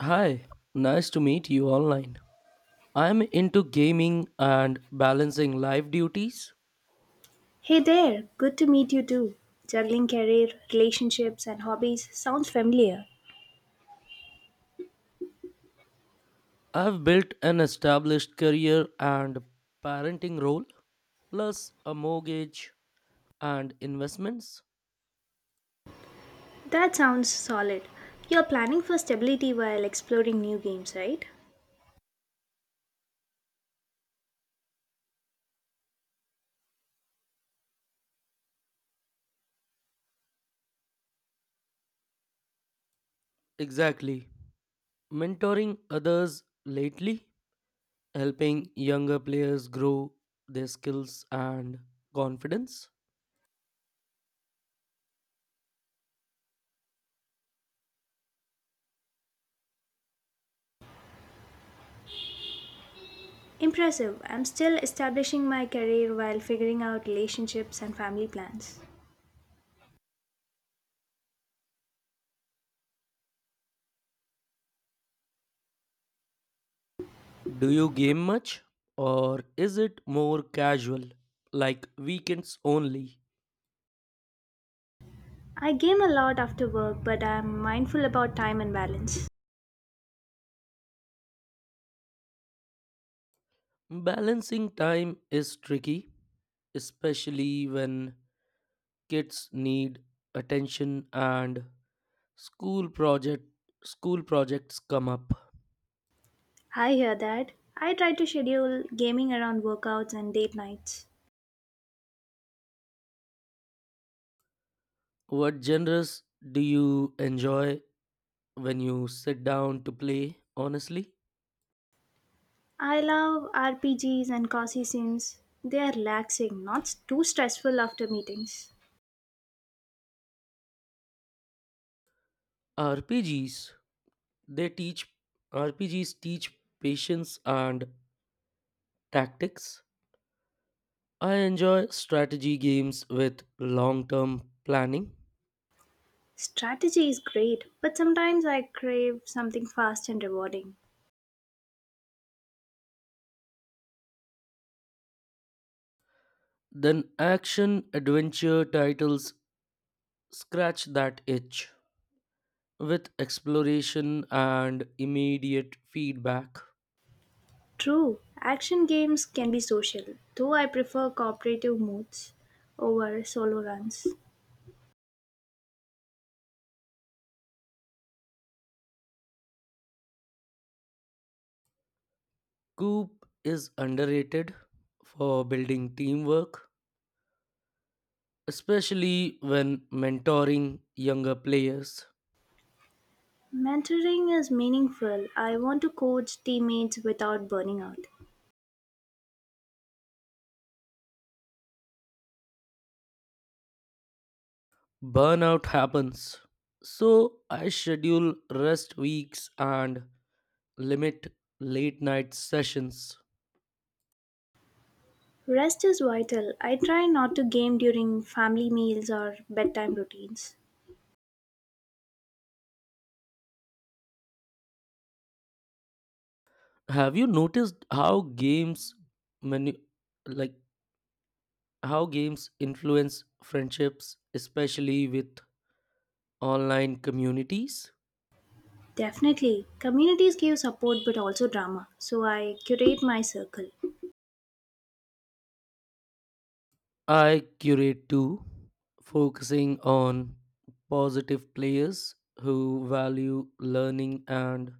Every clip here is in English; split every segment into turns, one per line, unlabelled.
Hi, nice to meet you online. I'm into gaming and balancing life duties.
Hey there, good to meet you too. Juggling career, relationships, and hobbies sounds familiar.
I've built an established career and parenting role, plus a mortgage and investments.
That sounds solid. You're planning for stability while exploring new games, right?
Exactly. Mentoring others lately, helping younger players grow their skills and confidence.
Impressive. I'm still establishing my career while figuring out relationships and family plans.
Do you game much, or is it more casual, like weekends only?
I game a lot after work, but I'm mindful about time and balance.
Balancing time is tricky, especially when kids need attention and school project school projects come up.
I hear that. I try to schedule gaming around workouts and date nights.
What genres do you enjoy when you sit down to play? Honestly,
I love RPGs and cozy sims. They are relaxing, not too stressful after meetings.
RPGs. They teach RPGs teach patience and tactics. I enjoy strategy games with long-term planning.
Strategy is great, but sometimes I crave something fast and rewarding.
Then action adventure titles scratch that itch with exploration and immediate feedback.
True, action games can be social, though I prefer cooperative modes over solo runs.
Coop is underrated for building teamwork, especially when mentoring younger players.
Mentoring is meaningful. I want to coach teammates without burning out.
Burnout happens. So I schedule rest weeks and limit late night sessions.
Rest is vital. I try not to game during family meals or bedtime routines.
Have you noticed how games manu- like how games influence friendships, especially with online communities?
Definitely. Communities give support but also drama, so I curate my circle.
I curate too, focusing on positive players who value learning and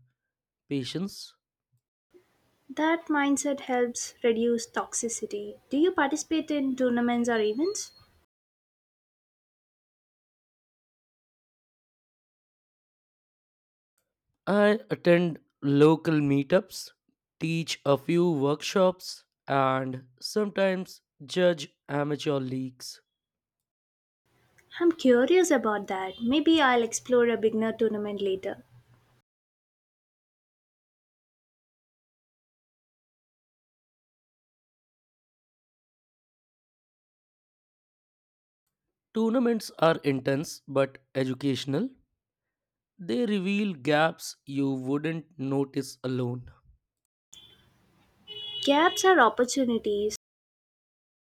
patience.
That mindset helps reduce toxicity. Do you participate in tournaments or events?
I attend local meetups, teach a few workshops, and sometimes judge amateur leagues.
I'm curious about that. Maybe I'll explore a beginner tournament later.
Tournaments are intense but educational. They reveal gaps you wouldn't notice alone.
Gaps are opportunities.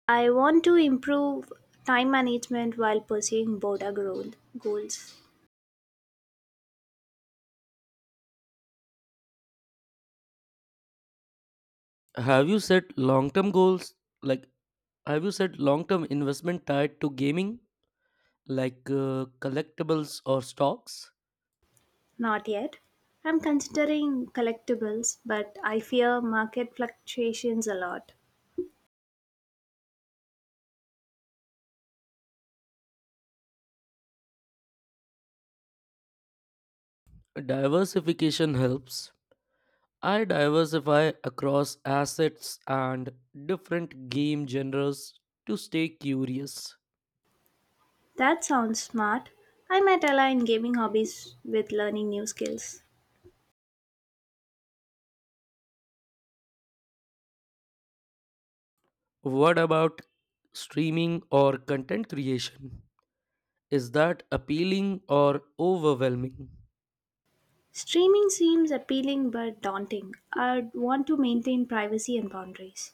I want to improve time management while pursuing border growth goals.
Have you set long term goals? Like, have you set long term investment tied to gaming, like collectibles or stocks?
Not yet. I'm considering collectibles, but I fear market fluctuations a lot.
Diversification helps. I diversify across assets and different game genres to stay curious.
That sounds smart. I might align gaming hobbies with learning new skills.
What about streaming or content creation? Is that appealing or overwhelming?
Streaming seems appealing but daunting. I'd want to maintain privacy and boundaries.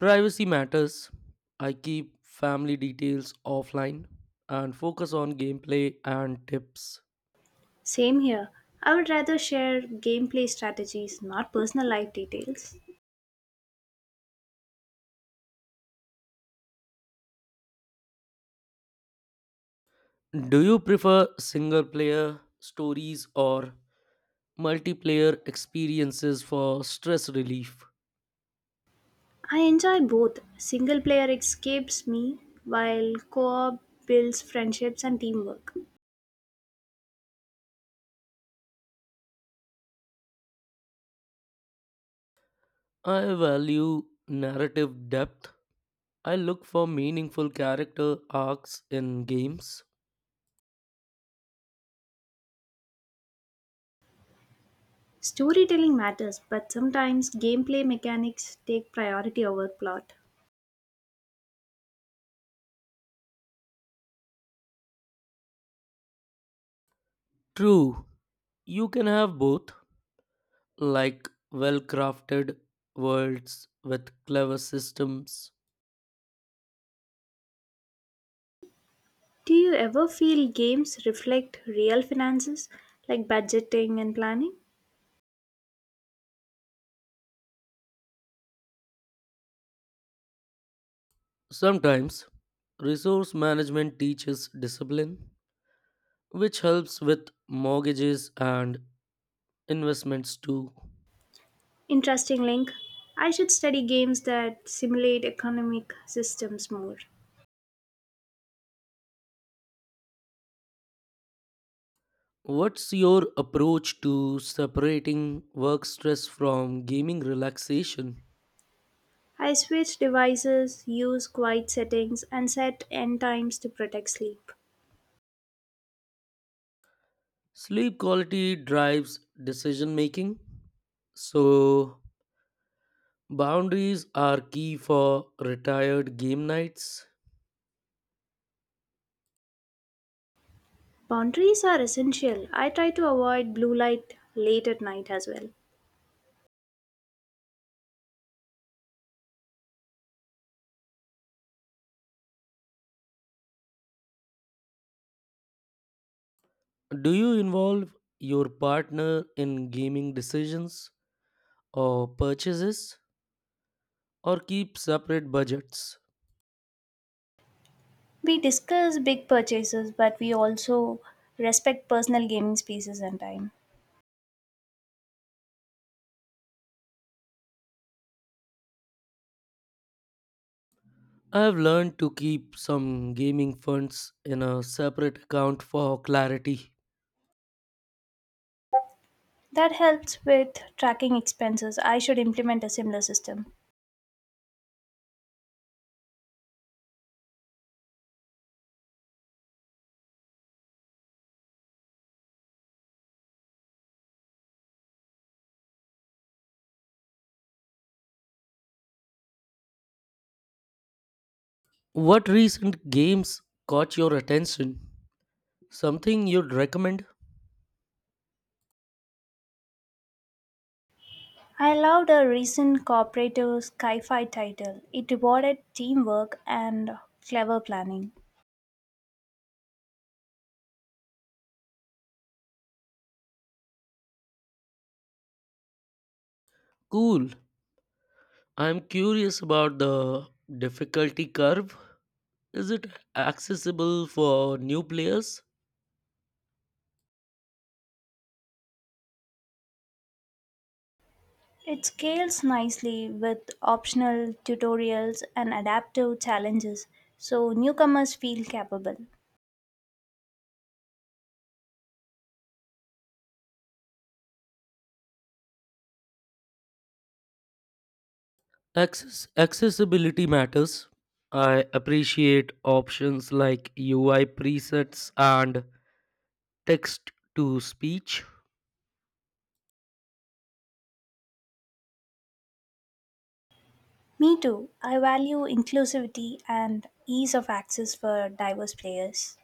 Privacy matters. I keep family details offline and focus on gameplay and tips.
Same here. I would rather share gameplay strategies, not personal life details.
Do you prefer single player stories or multiplayer experiences for stress relief?
I enjoy both. Single player escapes me, while co op builds friendships and teamwork.
I value narrative depth. I look for meaningful character arcs in games.
Storytelling matters, but sometimes gameplay mechanics take priority over plot.
True, you can have both, like well crafted worlds with clever systems.
Do you ever feel games reflect real finances, like budgeting and planning?
Sometimes resource management teaches discipline, which helps with mortgages and investments too.
Interesting link. I should study games that simulate economic systems more.
What's your approach to separating work stress from gaming relaxation?
I switch devices, use quiet settings, and set end times to protect sleep.
Sleep quality drives decision making, so boundaries are key for retired game nights.
Boundaries are essential. I try to avoid blue light late at night as well.
Do you involve your partner in gaming decisions or purchases, or keep separate budgets?
We discuss big purchases, but we also respect personal gaming spaces and time.
I have learned to keep some gaming funds in a separate account for clarity.
That helps with tracking expenses. I should implement a similar system.
What recent games caught your attention? Something you'd recommend?
I loved a recent cooperative sci-fi title. It rewarded teamwork and clever planning.
Cool. I'm curious about the difficulty curve. Is it accessible for new players?
It scales nicely with optional tutorials and adaptive challenges, so newcomers feel capable.
Accessibility matters. I appreciate options like UI presets and text to speech.
Me too. I value inclusivity and ease of access for diverse players.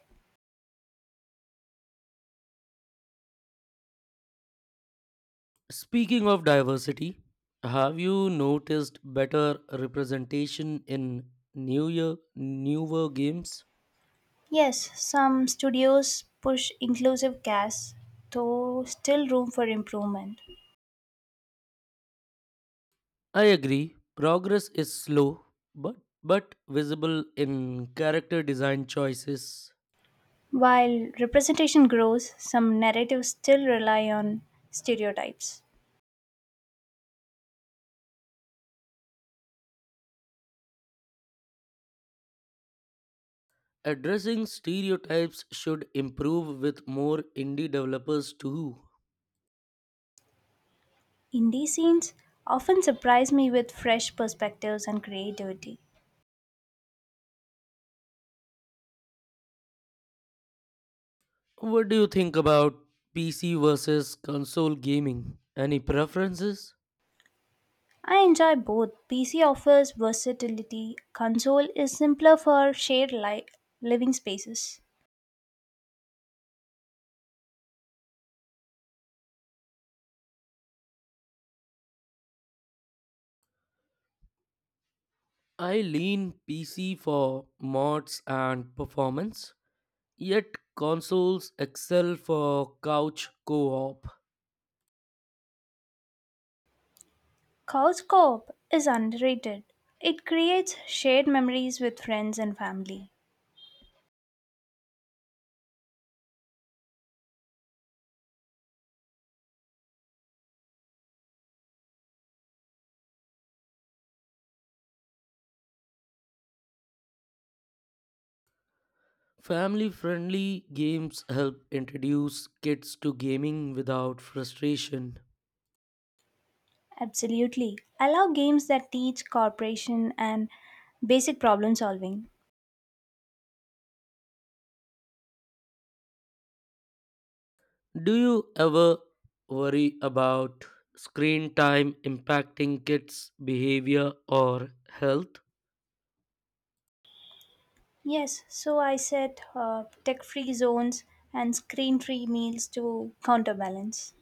Speaking of diversity, have you noticed better representation in newer games?
Yes, some studios push inclusive casts, though still room for improvement.
I agree. Progress is slow, but but visible in character design choices.
While representation grows, some narratives still rely on stereotypes.
Addressing stereotypes should improve with more indie developers too.
Indie scenes often surprise me with fresh perspectives and creativity.
What do you think about PC versus console gaming? Any preferences?
I enjoy both. PC offers versatility, console is simpler for shared living spaces.
I lean PC for mods and performance. Yet consoles excel for couch co op.
Couch co-op is underrated. It creates shared memories with friends and family.
Family friendly games help introduce kids to gaming without frustration.
Absolutely. I love games that teach cooperation and basic problem solving.
Do you ever worry about screen time impacting kids' behavior or health?
Yes, so I set tech free zones and screen free meals to counterbalance.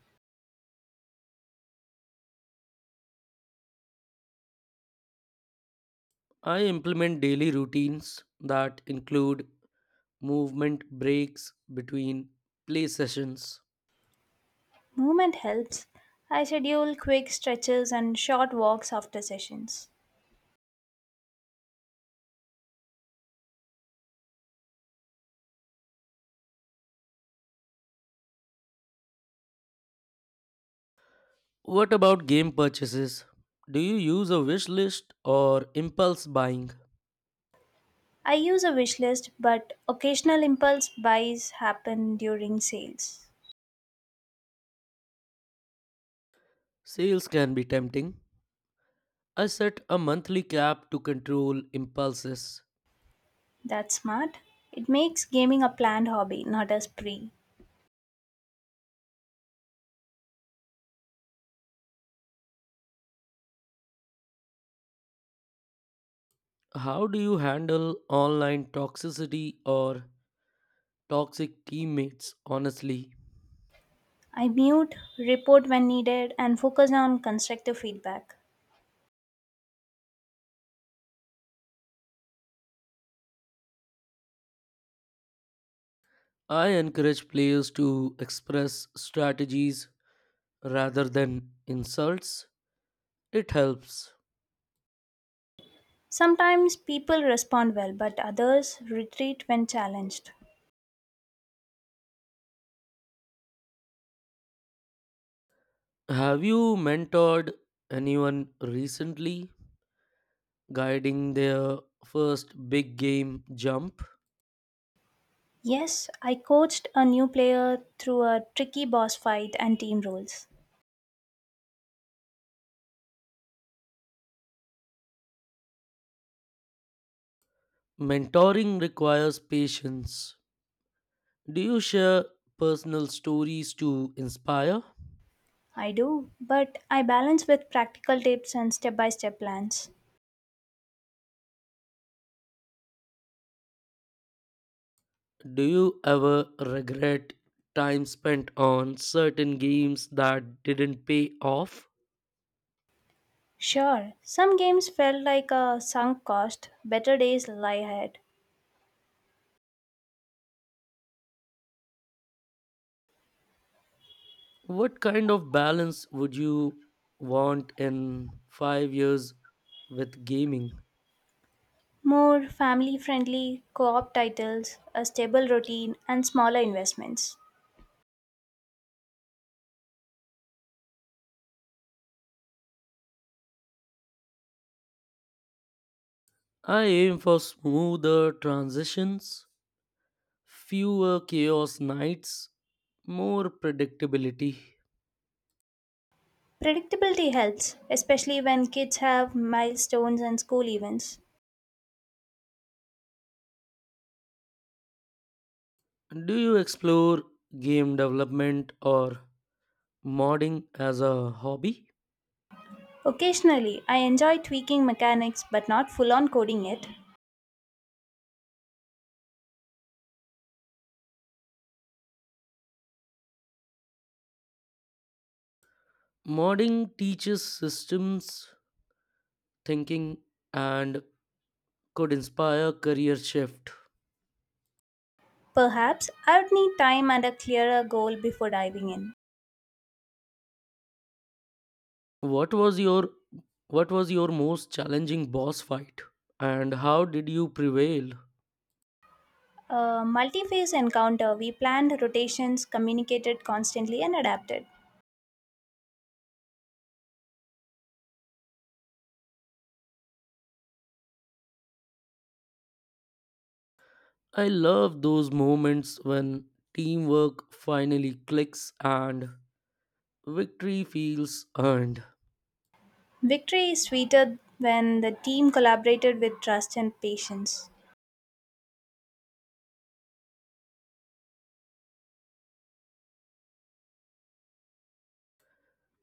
I implement daily routines that include movement breaks between play sessions.
Movement helps. I schedule quick stretches and short walks after sessions.
What about game purchases? Do you use a wish list or impulse buying?
I use a wish list, but occasional impulse buys happen during sales.
Sales can be tempting. I set a monthly cap to control impulses.
That's smart. It makes gaming a planned hobby, not a spree.
How do you handle online toxicity or toxic teammates honestly?
I mute, report when needed, and focus on constructive feedback.
I encourage players to express strategies rather than insults. It helps.
Sometimes people respond well, but others retreat when challenged.
Have you mentored anyone recently, guiding their first big game jump?
Yes, I coached a new player through a tricky boss fight and team rules.
Mentoring requires patience. Do you share personal stories to inspire?
I do, but I balance with practical tips and step by step plans.
Do you ever regret time spent on certain games that didn't pay off?
Sure, some games felt like a sunk cost, better days lie ahead.
What kind of balance would you want in 5 years with gaming?
More family friendly co op titles, a stable routine, and smaller investments.
I aim for smoother transitions. Fewer chaos nights, more predictability.
Predictability helps, especially when kids have milestones and school events.
Do you explore game development or modding as a hobby?
Occasionally, I enjoy tweaking mechanics but not full on coding it.
Modding teaches systems thinking and could inspire career shift.
Perhaps I would need time and a clearer goal before diving in.
What was your what was your most challenging boss fight and how did you prevail?
A multi phase encounter, we planned rotations, communicated constantly, and adapted.
I love those moments when teamwork finally clicks and victory feels earned.
Victory is sweeter when the team collaborated with trust and patience.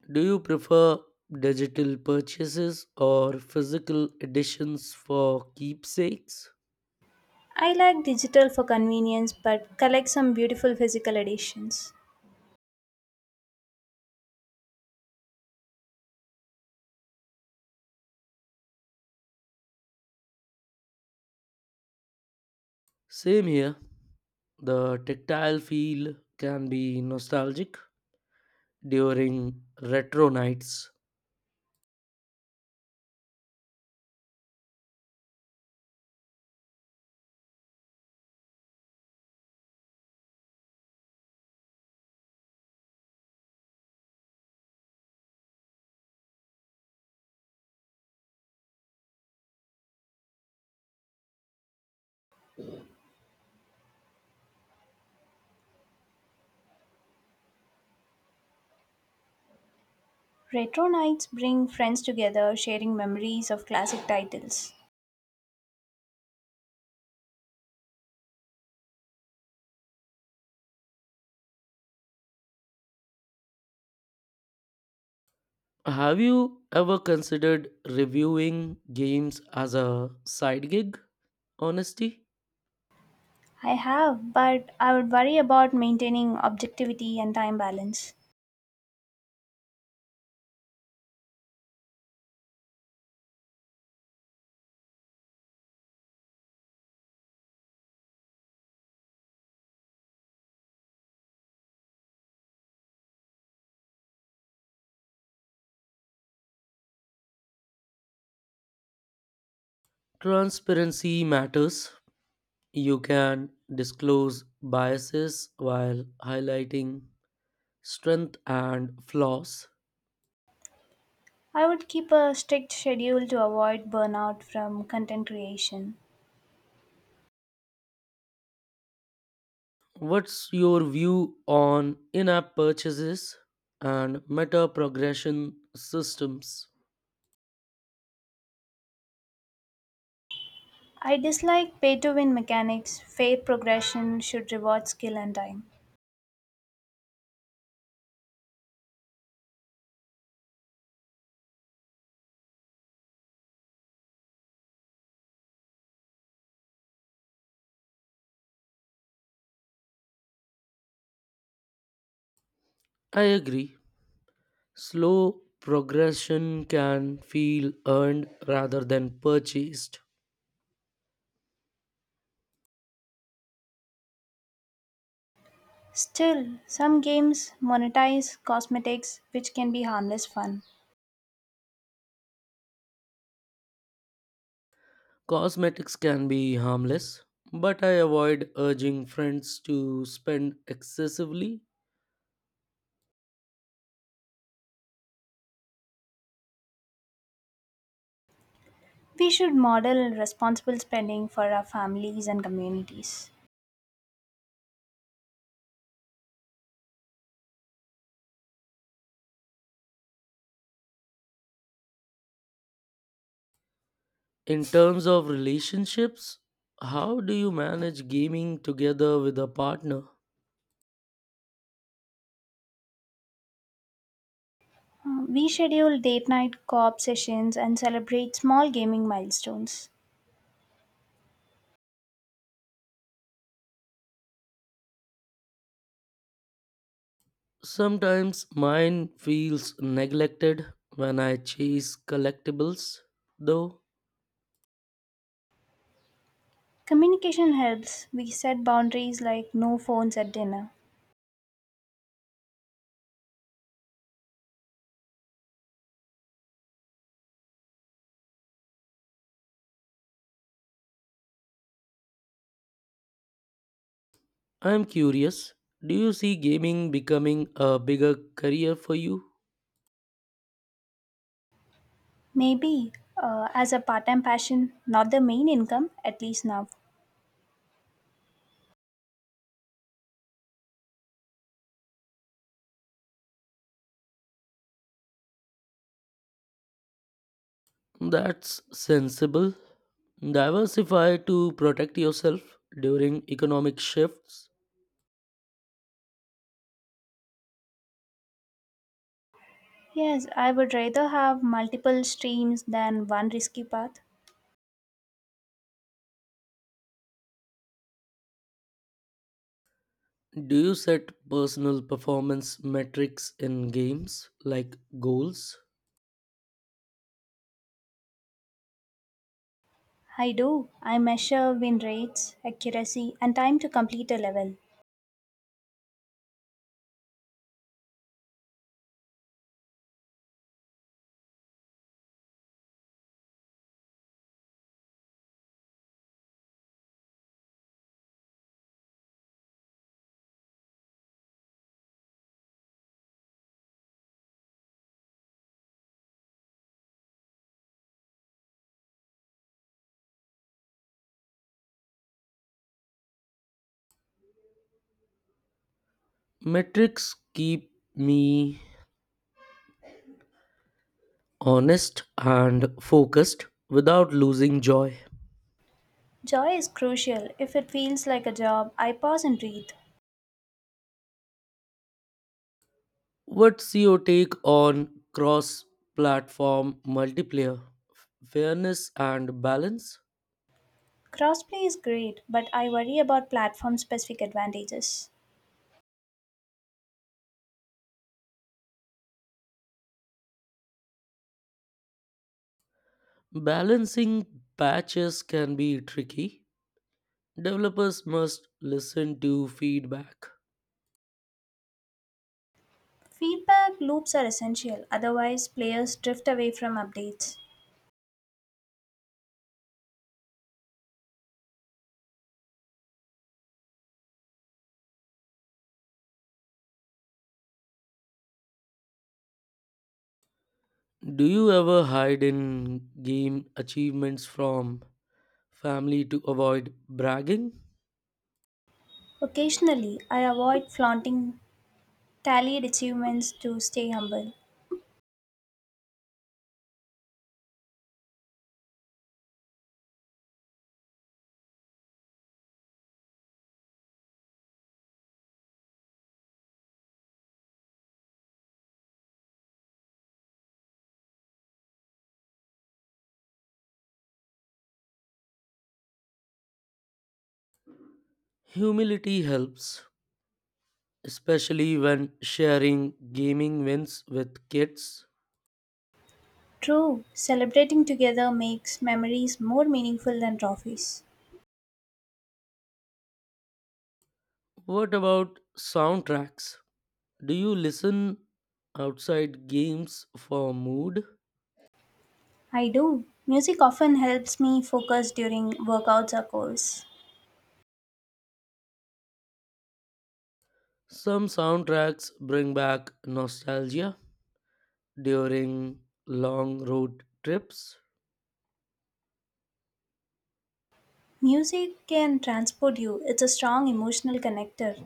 Do you prefer digital purchases or physical editions for keepsakes?
I like digital for convenience but collect some beautiful physical editions.
Same here. The tactile feel can be nostalgic during retro nights.
Retro nights bring friends together, sharing memories of classic titles.
Have you ever considered reviewing games as a side gig? Honesty?
I have, but I would worry about maintaining objectivity and time balance.
Transparency matters. You can disclose biases while highlighting strength and flaws.
I would keep a strict schedule to avoid burnout from content creation.
What's your view on in app purchases and meta progression systems?
I dislike pay to win mechanics, fair progression should reward skill and time.
I agree. Slow progression can feel earned rather than purchased.
Still, some games monetize cosmetics, which can be harmless fun.
Cosmetics can be harmless, but I avoid urging friends to spend excessively.
We should model responsible spending for our families and communities.
In terms of relationships, how do you manage gaming together with a partner?
We schedule date night co op sessions and celebrate small gaming milestones.
Sometimes mine feels neglected when I chase collectibles. Though
Communication helps. We set boundaries like no phones at dinner.
I'm curious, do you see gaming becoming a bigger career for you?
Maybe, as a part time passion, not the main income, at least now.
That's sensible. Diversify to protect yourself during economic shifts.
Yes, I would rather have multiple streams than one risky path.
Do you set personal performance metrics in games like goals?
I do. I measure win rates, accuracy, and time to complete a level.
Metrics keep me honest and focused without losing joy.
Joy is crucial. If it feels like a job, I pause and breathe.
What's your take on cross platform multiplayer? Fairness and balance?
Crossplay is great, but I worry about platform specific advantages.
Balancing patches can be tricky. Developers must listen to feedback.
Feedback loops are essential, otherwise, players drift away from updates.
Do you ever hide in game achievements from family to avoid bragging?
Occasionally, I avoid flaunting tallied achievements to stay humble.
Humility helps, especially when sharing gaming wins with kids.
True, celebrating together makes memories more meaningful than trophies.
What about soundtracks? Do you listen outside games for mood?
I do. Music often helps me focus during workouts or calls.
Some soundtracks bring back nostalgia during long road trips.
Music can transport you, it's a strong emotional connector.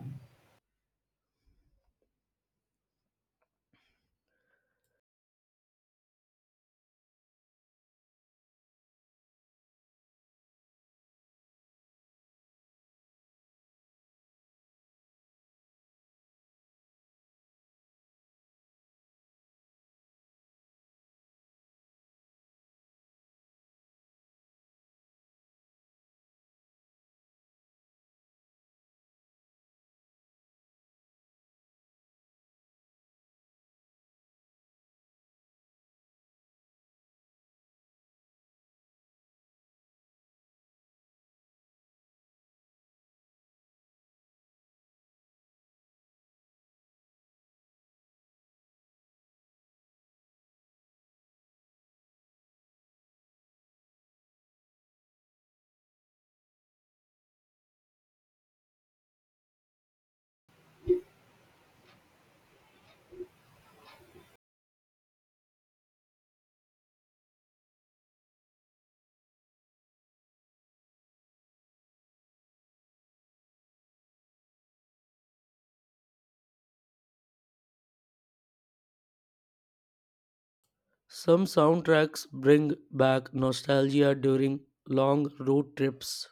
Some soundtracks bring back nostalgia during long road trips.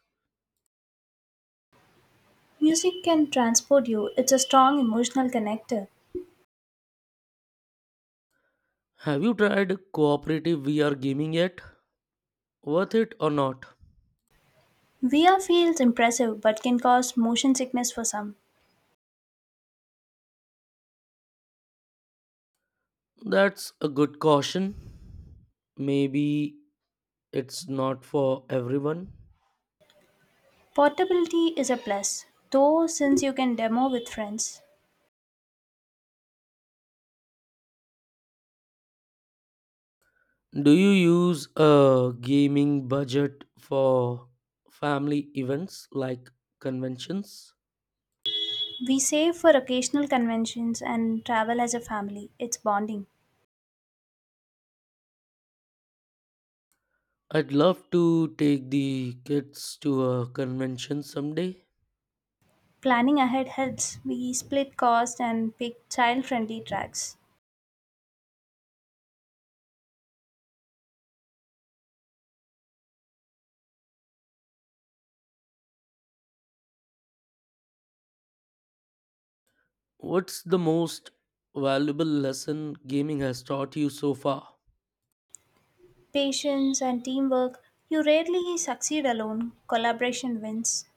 Music can transport you, it's a strong emotional connector.
Have you tried cooperative VR gaming yet? Worth it or not?
VR feels impressive but can cause motion sickness for some.
That's a good caution. Maybe it's not for everyone.
Portability is a plus, though, since you can demo with friends.
Do you use a gaming budget for family events like conventions?
We save for occasional conventions and travel as a family, it's bonding.
I'd love to take the kids to a convention someday.
Planning ahead helps, we split costs and pick child friendly tracks.
What's the most valuable lesson gaming has taught you so far?
Patience and teamwork, you rarely succeed alone, collaboration wins.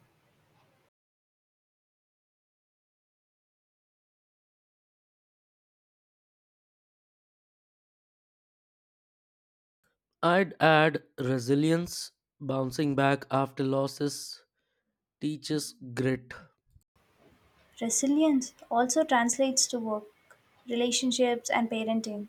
I'd add resilience. Bouncing back after losses teaches grit.
Resilience also translates to work, relationships, and parenting.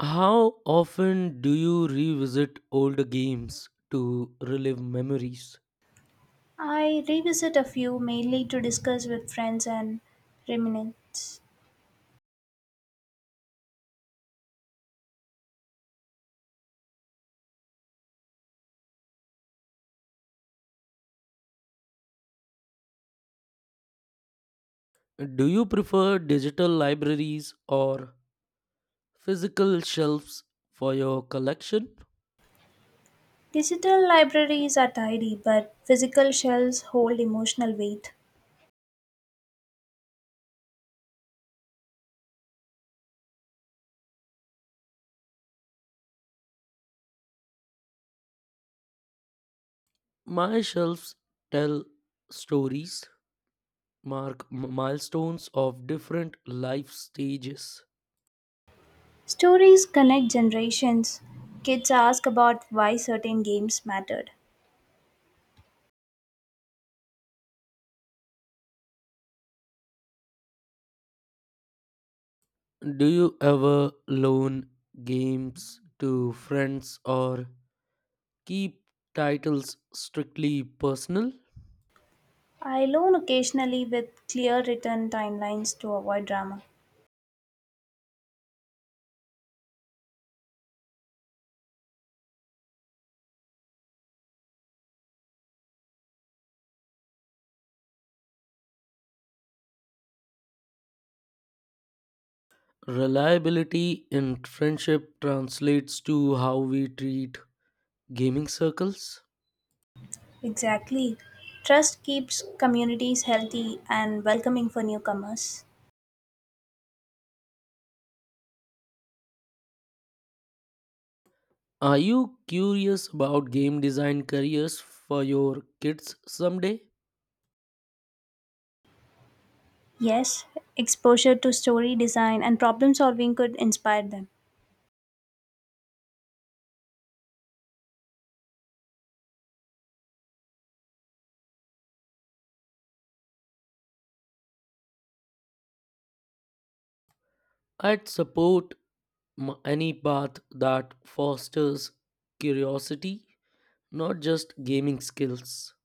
How often do you revisit older games to relive memories?
I revisit a few mainly to discuss with friends and reminisce.
Do you prefer digital libraries or physical shelves for your collection?
Digital libraries are tidy, but physical shelves hold emotional weight.
My shelves tell stories, mark milestones of different life stages.
Stories connect generations. Kids ask about why certain games mattered.
Do you ever loan games to friends or keep titles strictly personal?
I loan occasionally with clear written timelines to avoid drama.
Reliability in friendship translates to how we treat gaming circles.
Exactly. Trust keeps communities healthy and welcoming for newcomers.
Are you curious about game design careers for your kids someday?
Yes, exposure to story design and problem solving could inspire them.
I'd support any path that fosters curiosity, not just gaming skills.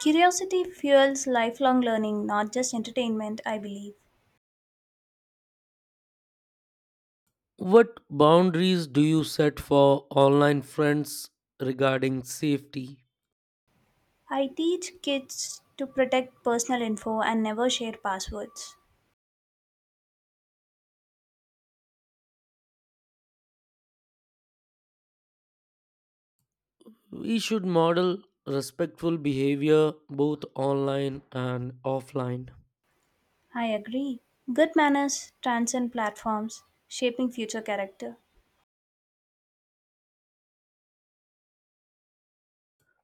Curiosity fuels lifelong learning, not just entertainment, I believe.
What boundaries do you set for online friends regarding safety?
I teach kids to protect personal info and never share passwords.
We should model respectful behavior both online and offline.
I agree. Good manners transcend platforms, shaping future character.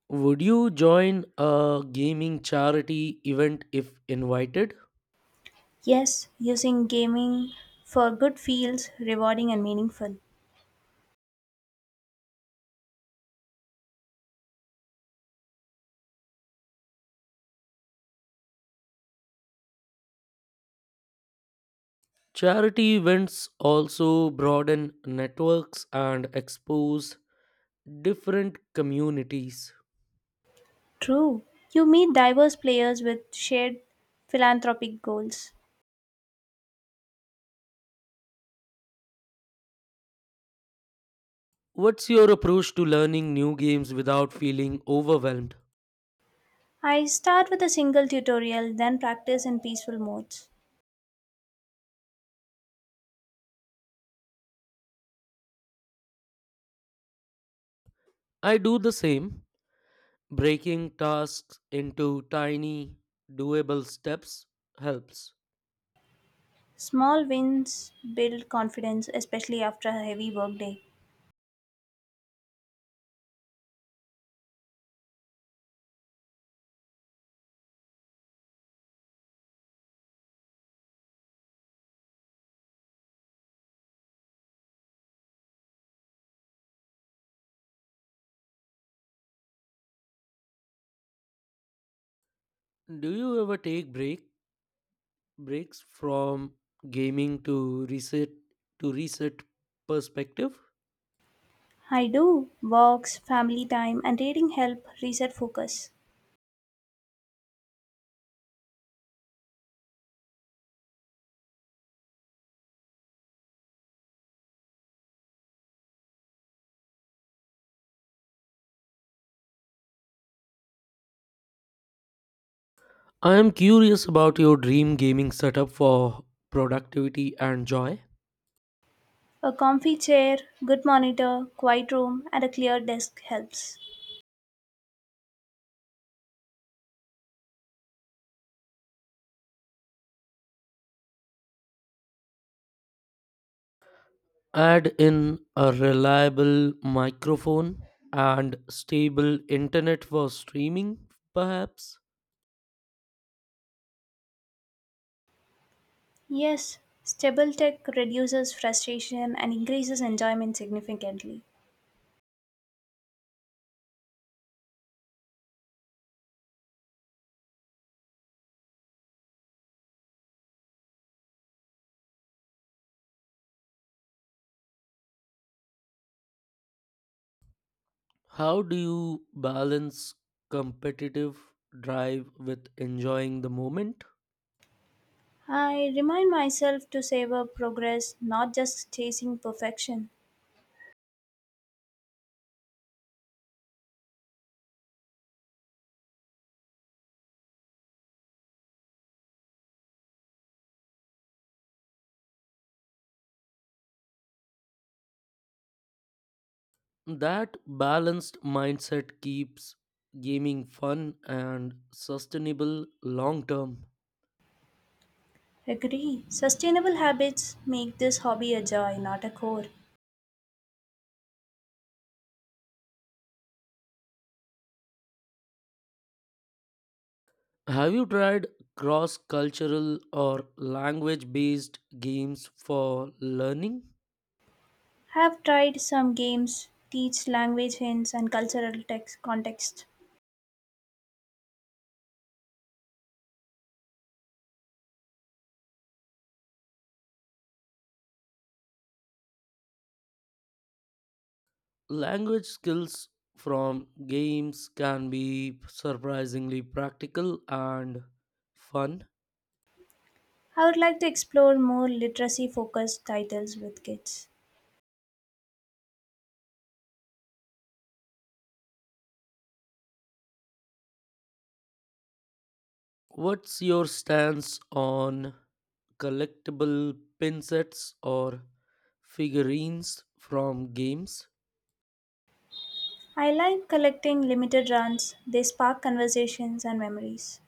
Would you join a gaming charity event if invited?
Yes, using gaming for good feels rewarding and meaningful.
Charity events also broaden networks and expose different communities.
True. You meet diverse players with shared philanthropic goals.
What's your approach to learning new games without feeling overwhelmed?
I start with a single tutorial, then practice in peaceful modes.
I do the same. Breaking tasks into tiny, doable steps helps.
Small wins build confidence, especially after a heavy workday.
Do you ever take breaks from gaming to reset perspective?
I do. Walks, family time, and reading help reset focus.
I am curious about your dream gaming setup for productivity and joy.
A comfy chair, good monitor, quiet room, and a clear desk helps.
Add in a reliable microphone and stable internet for streaming, perhaps.
Yes, stable tech reduces frustration and increases enjoyment significantly.
How do you balance competitive drive with enjoying the moment?
I remind myself to savor progress, not just chasing perfection.
That balanced mindset keeps gaming fun and sustainable long term.
Agree. Sustainable habits make this hobby a joy, not a chore.
Have you tried cross cultural or language based games for learning?
Have tried some games, teach language hints and cultural text context.
Language skills from games can be surprisingly practical and fun.
I would like to explore more literacy focused titles with kids.
What's your stance on collectible pin sets or figurines from games?
I like collecting limited runs, they spark conversations and memories.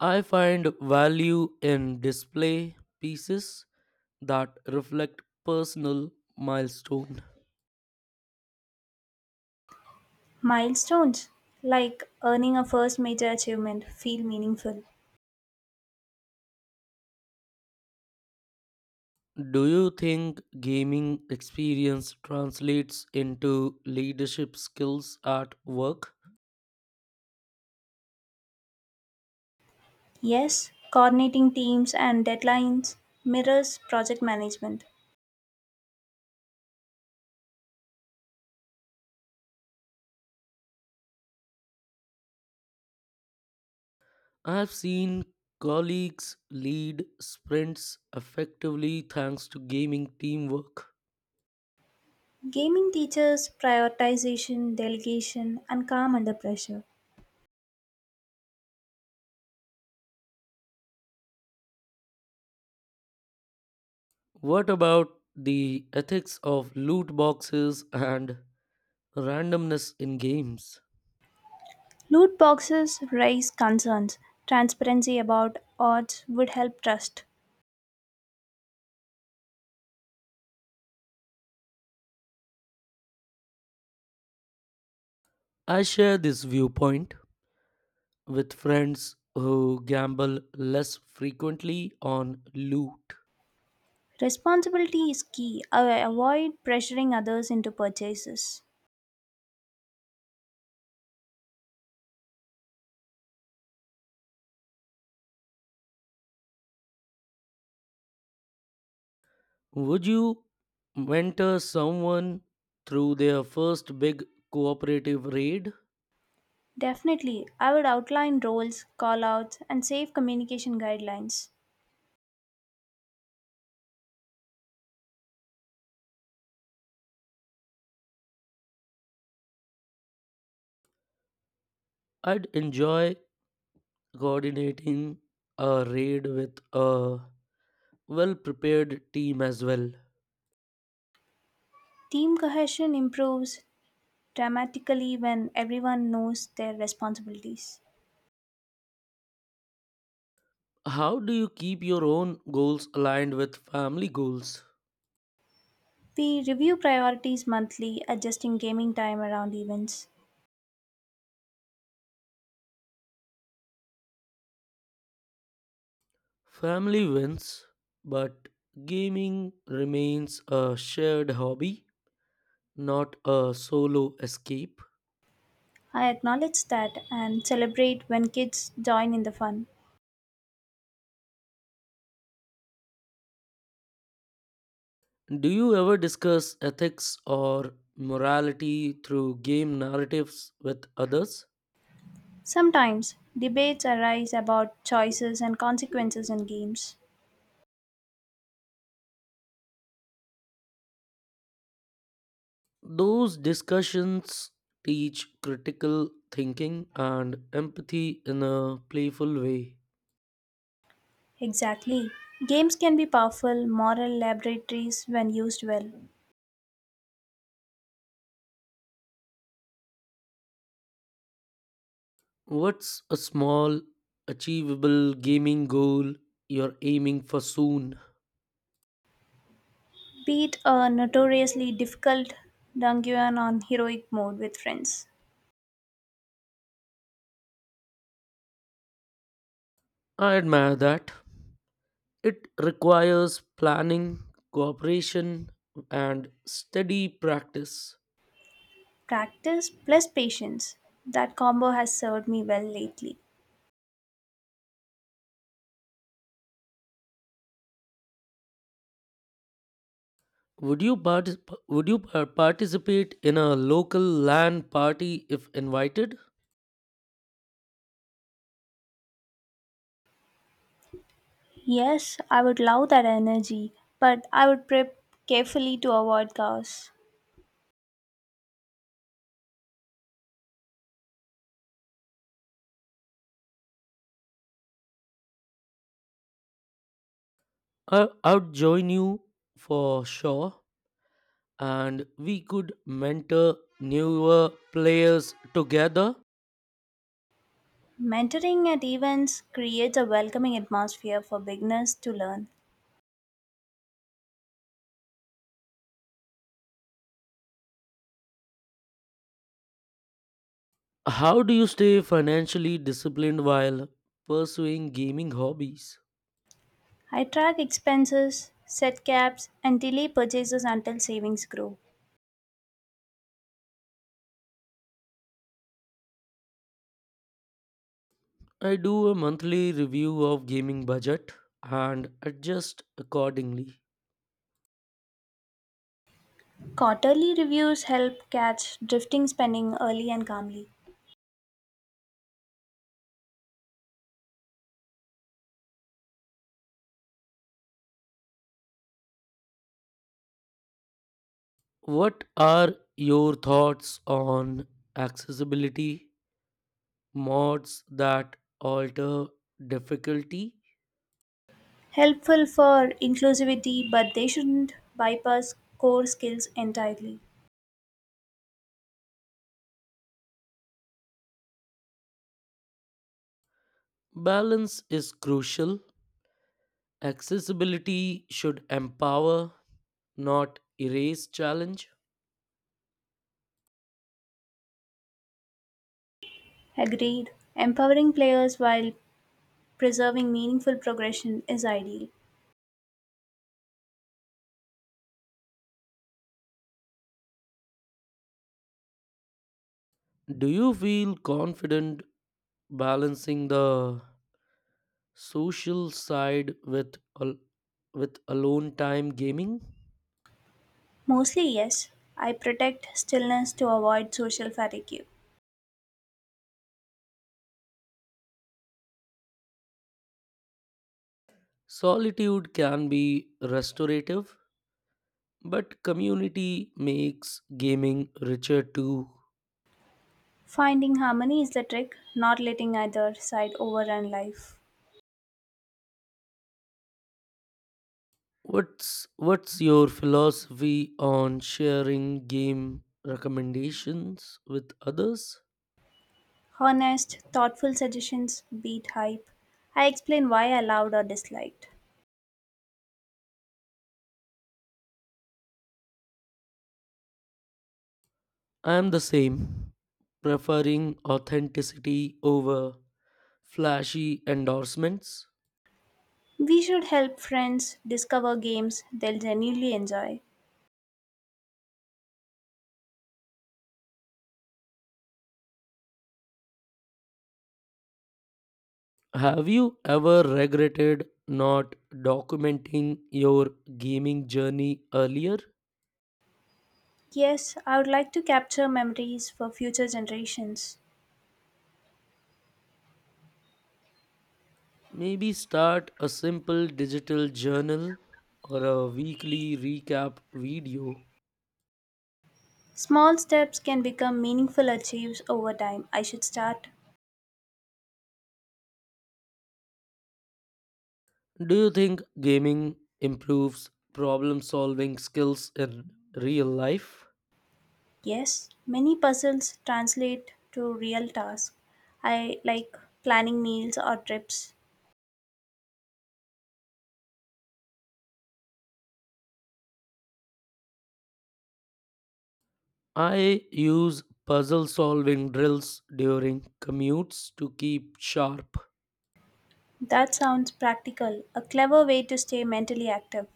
I find value in display pieces that reflect personal milestones.
Milestones like earning a first major achievement feel meaningful.
Do you think gaming experience translates into leadership skills at work?
Yes, coordinating teams and deadlines mirrors project management.
I've seen colleagues lead sprints effectively thanks to gaming teamwork.
Gaming teaches prioritization, delegation, and calm under pressure.
What about the ethics of loot boxes and randomness in games?
Loot boxes raise concerns. Transparency about odds would help trust.
I share this viewpoint with friends who gamble less frequently on loot.
Responsibility is key. I avoid pressuring others into purchases.
Would you mentor someone through their first big cooperative raid?
Definitely, I would outline roles, callouts, and safe communication guidelines.
I'd enjoy coordinating a raid with a well prepared team as well.
Team cohesion improves dramatically when everyone knows their responsibilities.
How do you keep your own goals aligned with family goals?
We review priorities monthly, adjusting gaming time around events.
Family wins, but gaming remains a shared hobby, not a solo escape.
I acknowledge that and celebrate when kids join in the fun.
Do you ever discuss ethics or morality through game narratives with others?
Sometimes debates arise about choices and consequences in games.
Those discussions teach critical thinking and empathy in a playful way.
Exactly. Games can be powerful moral laboratories when used well.
What's a small, achievable gaming goal you're aiming for soon?
Beat a notoriously difficult dungeon on heroic mode with friends.
I admire that. It requires planning, cooperation, and steady practice.
Practice plus patience. That combo has served me well lately.
Would you participate in a local LAN party if invited?
Yes, I would love that energy, but I would prep carefully to avoid chaos.
I'd join you for sure, and we could mentor newer players together.
Mentoring at events creates a welcoming atmosphere for beginners to learn.
How do you stay financially disciplined while pursuing gaming hobbies?
I track expenses, set caps, and delay purchases until savings grow.
I do a monthly review of gaming budget and adjust accordingly.
Quarterly reviews help catch drifting spending early and calmly.
What are your thoughts on accessibility mods that alter difficulty?
Helpful for inclusivity, but they shouldn't bypass core skills entirely.
Balance is crucial. Accessibility should empower, not erase challenge.
Agreed. Empowering players while preserving meaningful progression is ideal.
Do you feel confident balancing the social side with al- with alone time gaming?
Mostly, yes. I protect stillness to avoid social fatigue.
Solitude can be restorative, but community makes gaming richer too.
Finding harmony is the trick, not letting either side overrun life.
What's your philosophy on sharing game recommendations with others?
Honest, thoughtful suggestions beat hype. I explain why I loved or disliked.
I am the same, preferring authenticity over flashy endorsements.
We should help friends discover games they'll genuinely enjoy.
Have you ever regretted not documenting your gaming journey earlier?
Yes, I would like to capture memories for future generations.
Maybe start a simple digital journal or a weekly recap video.
Small steps can become meaningful achieves over time. I should start.
Do you think gaming improves problem solving skills in real life?
Yes, many puzzles translate to real tasks. I like planning meals or trips.
I use puzzle solving drills during commutes to keep sharp.
That sounds practical, a clever way to stay mentally active.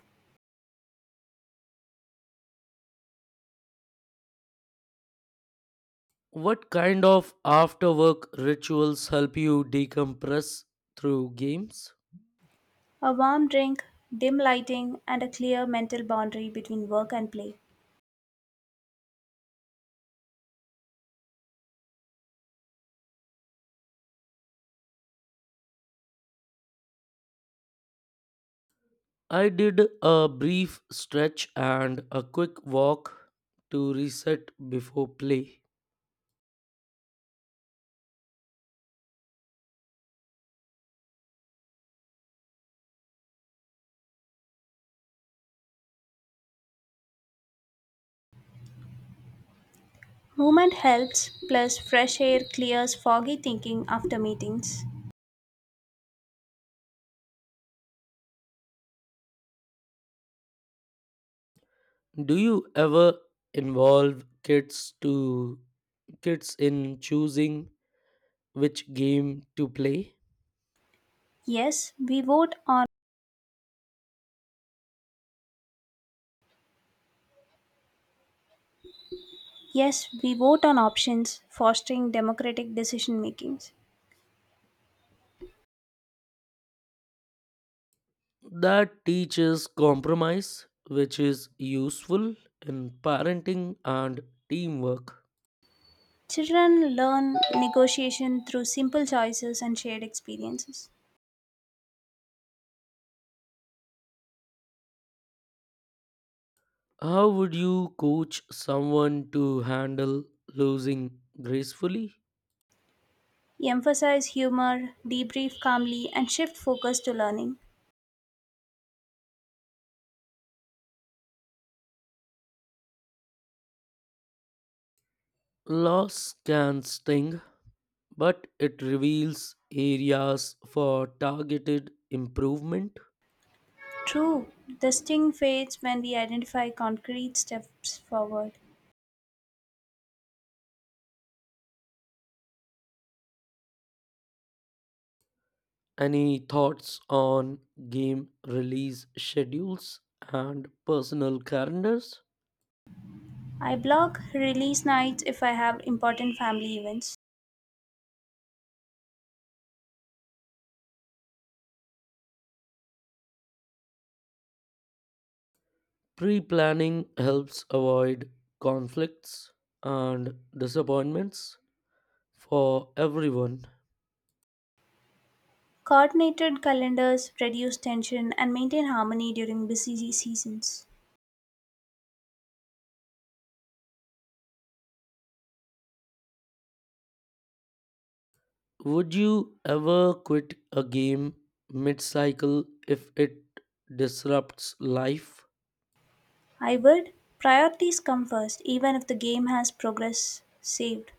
What kind of after work rituals help you decompress through games?
A warm drink, dim lighting, and a clear mental boundary between work and play.
I did a brief stretch and a quick walk to reset before play.
Movement helps, plus, fresh air clears foggy thinking after meetings.
Do you ever involve kids in choosing which game to play?
Yes, we vote on Yes, we vote on options, fostering democratic decision makings.
That teaches compromise, which is useful in parenting and teamwork.
Children learn negotiation through simple choices and shared experiences.
How would you coach someone to handle losing gracefully?
Emphasize humor, debrief calmly, and shift focus to learning.
Loss can sting, but it reveals areas for targeted improvement.
True, the sting fades when we identify concrete steps forward.
Any thoughts on game release schedules and personal calendars?
I block release nights if I have important family events.
Pre planning helps avoid conflicts and disappointments for everyone.
Coordinated calendars reduce tension and maintain harmony during busy seasons.
Would you ever quit a game mid cycle if it disrupts life?
I would priorities come first, even if the game has progress saved.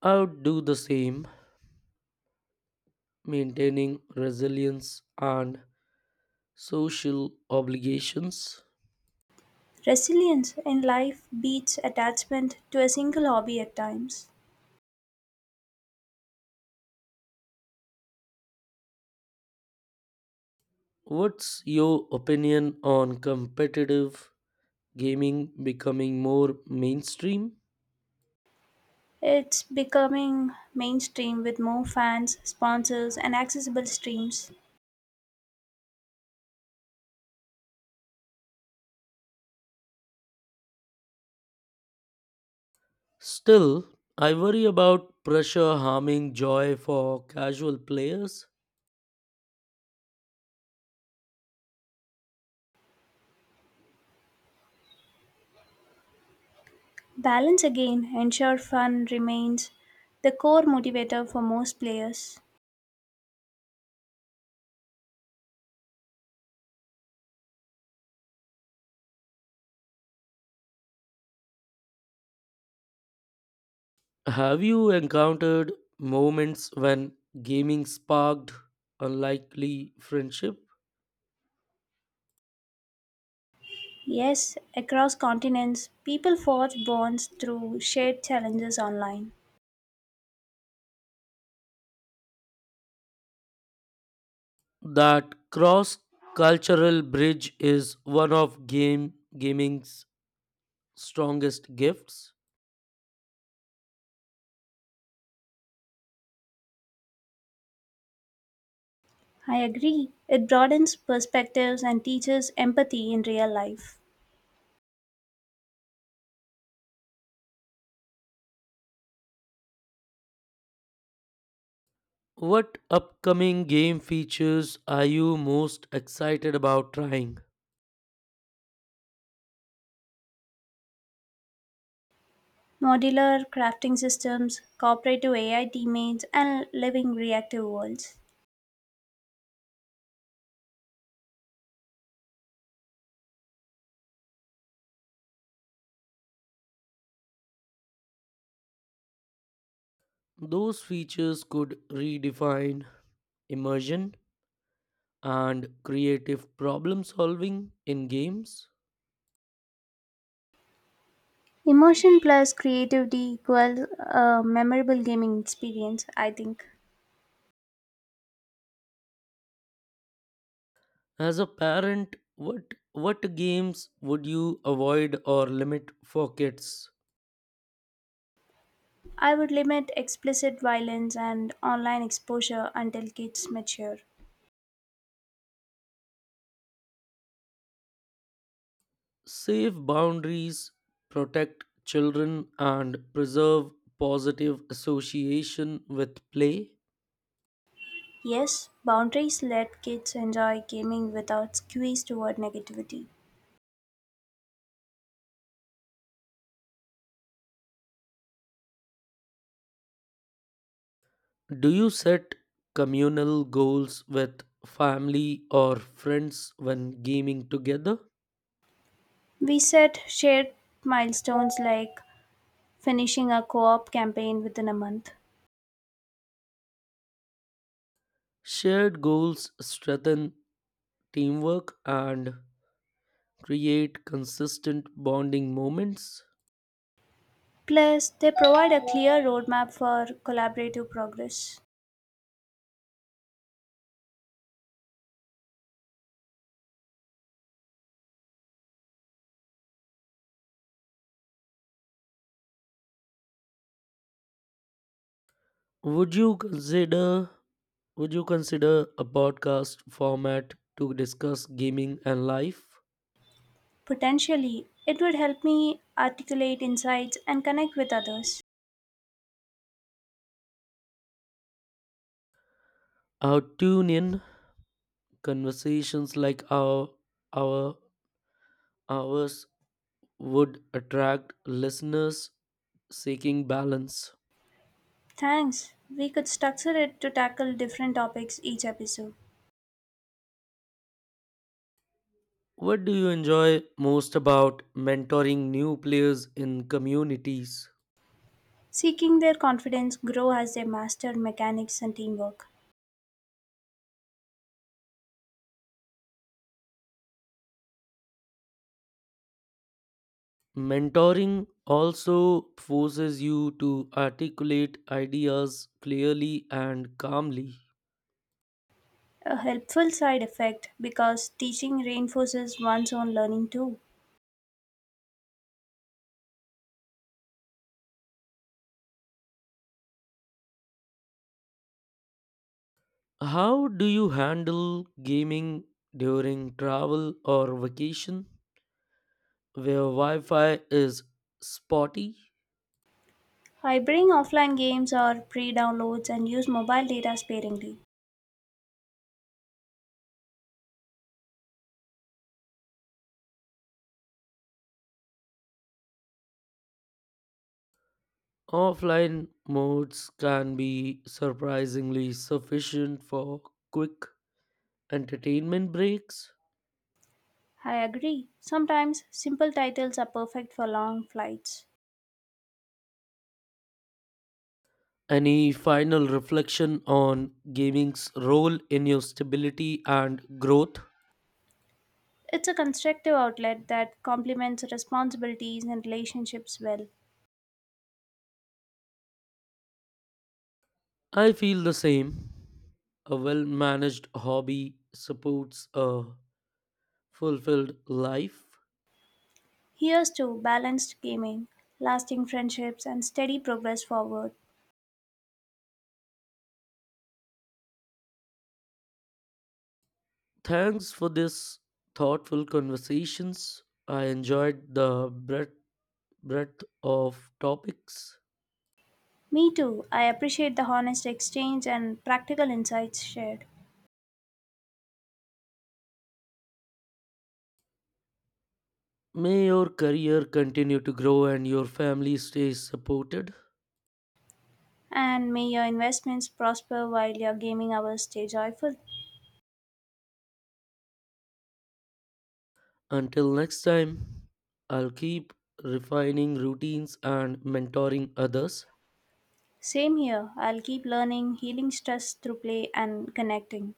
I would do the same, maintaining resilience and social obligations.
Resilience in life beats attachment to a single hobby at times.
What's your opinion on competitive gaming becoming more mainstream?
It's becoming mainstream with more fans, sponsors, and accessible streams.
Still, I worry about pressure harming joy for casual players.
Balance again ensure fun remains the core motivator for most players.
Have you encountered moments when gaming sparked unlikely friendship?
Yes, across continents, people forge bonds through shared challenges online.
That cross cultural bridge is one of game gaming's strongest gifts.
I agree. It broadens perspectives and teaches empathy in real life.
What upcoming game features are you most excited about trying?
Modular crafting systems, cooperative AI teammates, and living reactive worlds.
Those features could redefine immersion and creative problem solving in games?
Emotion plus creativity equals a memorable gaming experience, I think.
As a parent, what games would you avoid or limit for kids?
I would limit explicit violence and online exposure until kids mature.
Safe boundaries, protect children and preserve positive association with play.
Yes, boundaries let kids enjoy gaming without skews toward negativity.
Do you set communal goals with family or friends when gaming together?
We set shared milestones like finishing a co op campaign within a month.
Shared goals strengthen teamwork and create consistent bonding moments.
Plus, they provide a clear roadmap for collaborative progress.
Would you consider would you consider a podcast format to discuss gaming and life?
Potentially, it would help me articulate insights and connect with others.
Our tune in conversations like our ours would attract listeners seeking balance.
Thanks. We could structure it to tackle different topics each episode.
What do you enjoy most about mentoring new players in communities?
Seeking their confidence grow as they master mechanics and teamwork.
Mentoring also forces you to articulate ideas clearly and calmly.
A helpful side effect because teaching reinforces one's own learning too.
How do you handle gaming during travel or vacation where Wi Fi is spotty?
I bring offline games or pre downloads and use mobile data sparingly.
Offline modes can be surprisingly sufficient for quick entertainment breaks.
I agree. Sometimes simple titles are perfect for long flights.
Any final reflection on gaming's role in your stability and growth?
It's a constructive outlet that complements responsibilities and relationships well.
I feel the same. A well managed hobby supports a fulfilled life.
Here's to balanced gaming, lasting friendships, and steady progress forward.
Thanks for this thoughtful conversations. I enjoyed the breadth of topics.
Me too. I appreciate the honest exchange and practical insights shared.
May your career continue to grow and your family stay supported.
And may your investments prosper while your gaming hours stay joyful.
Until next time, I'll keep refining routines and mentoring others.
Same here. I'll keep learning, healing stress through play and connecting.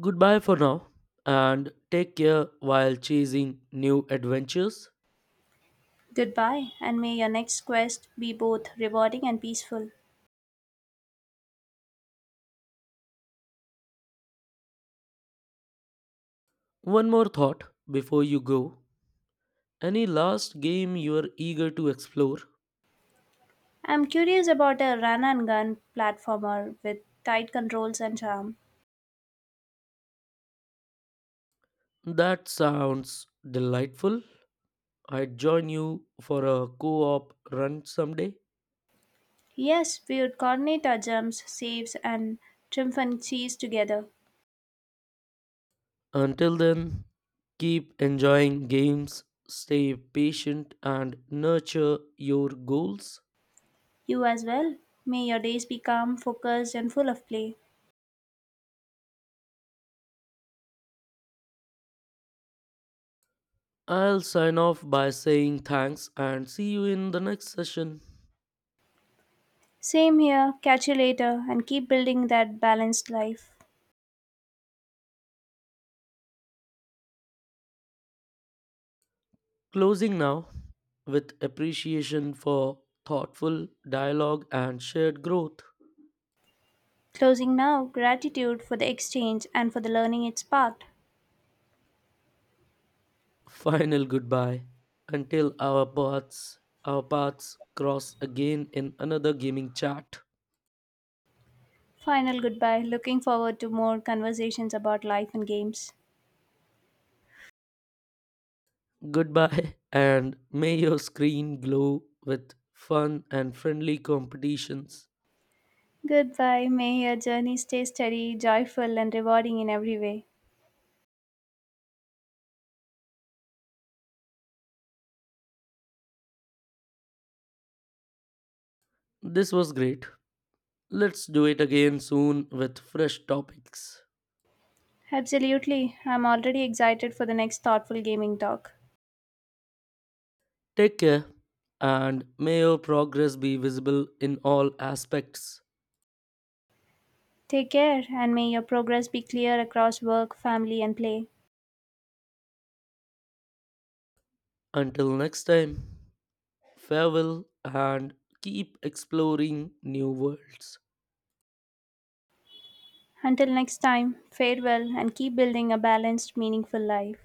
Goodbye for now, and take care while chasing new adventures.
Goodbye, and may your next quest be both rewarding and peaceful.
One more thought before you go. Any last game you are eager to explore?
I'm curious about a run and gun platformer with tight controls and charm.
That sounds delightful. I'd join you for a co op run someday.
Yes, we would coordinate our jumps, saves, and triumph and cheese together.
Until then, keep enjoying games, stay patient, and nurture your goals.
You as well. May your days be calm, focused, and full of play.
I'll sign off by saying thanks and see you in the next session.
Same here. Catch you later and keep building that balanced life.
Closing now with appreciation for thoughtful dialogue and shared growth.
Closing now, gratitude for the exchange and for the learning it sparked.
Final goodbye until our paths cross again in another gaming chat.
Final goodbye. Looking forward to more conversations about life and games.
Goodbye and may your screen glow with fun and friendly competitions.
Goodbye. May your journey stay steady, joyful, and rewarding in every way.
This was great. Let's do it again soon with fresh topics.
Absolutely. I'm already excited for the next thoughtful gaming talk.
Take care and may your progress be visible in all aspects.
Take care, and may your progress be clear across work, family, and play.
Until next time, farewell and keep exploring new worlds.
Until next time, farewell and keep building a balanced, meaningful life.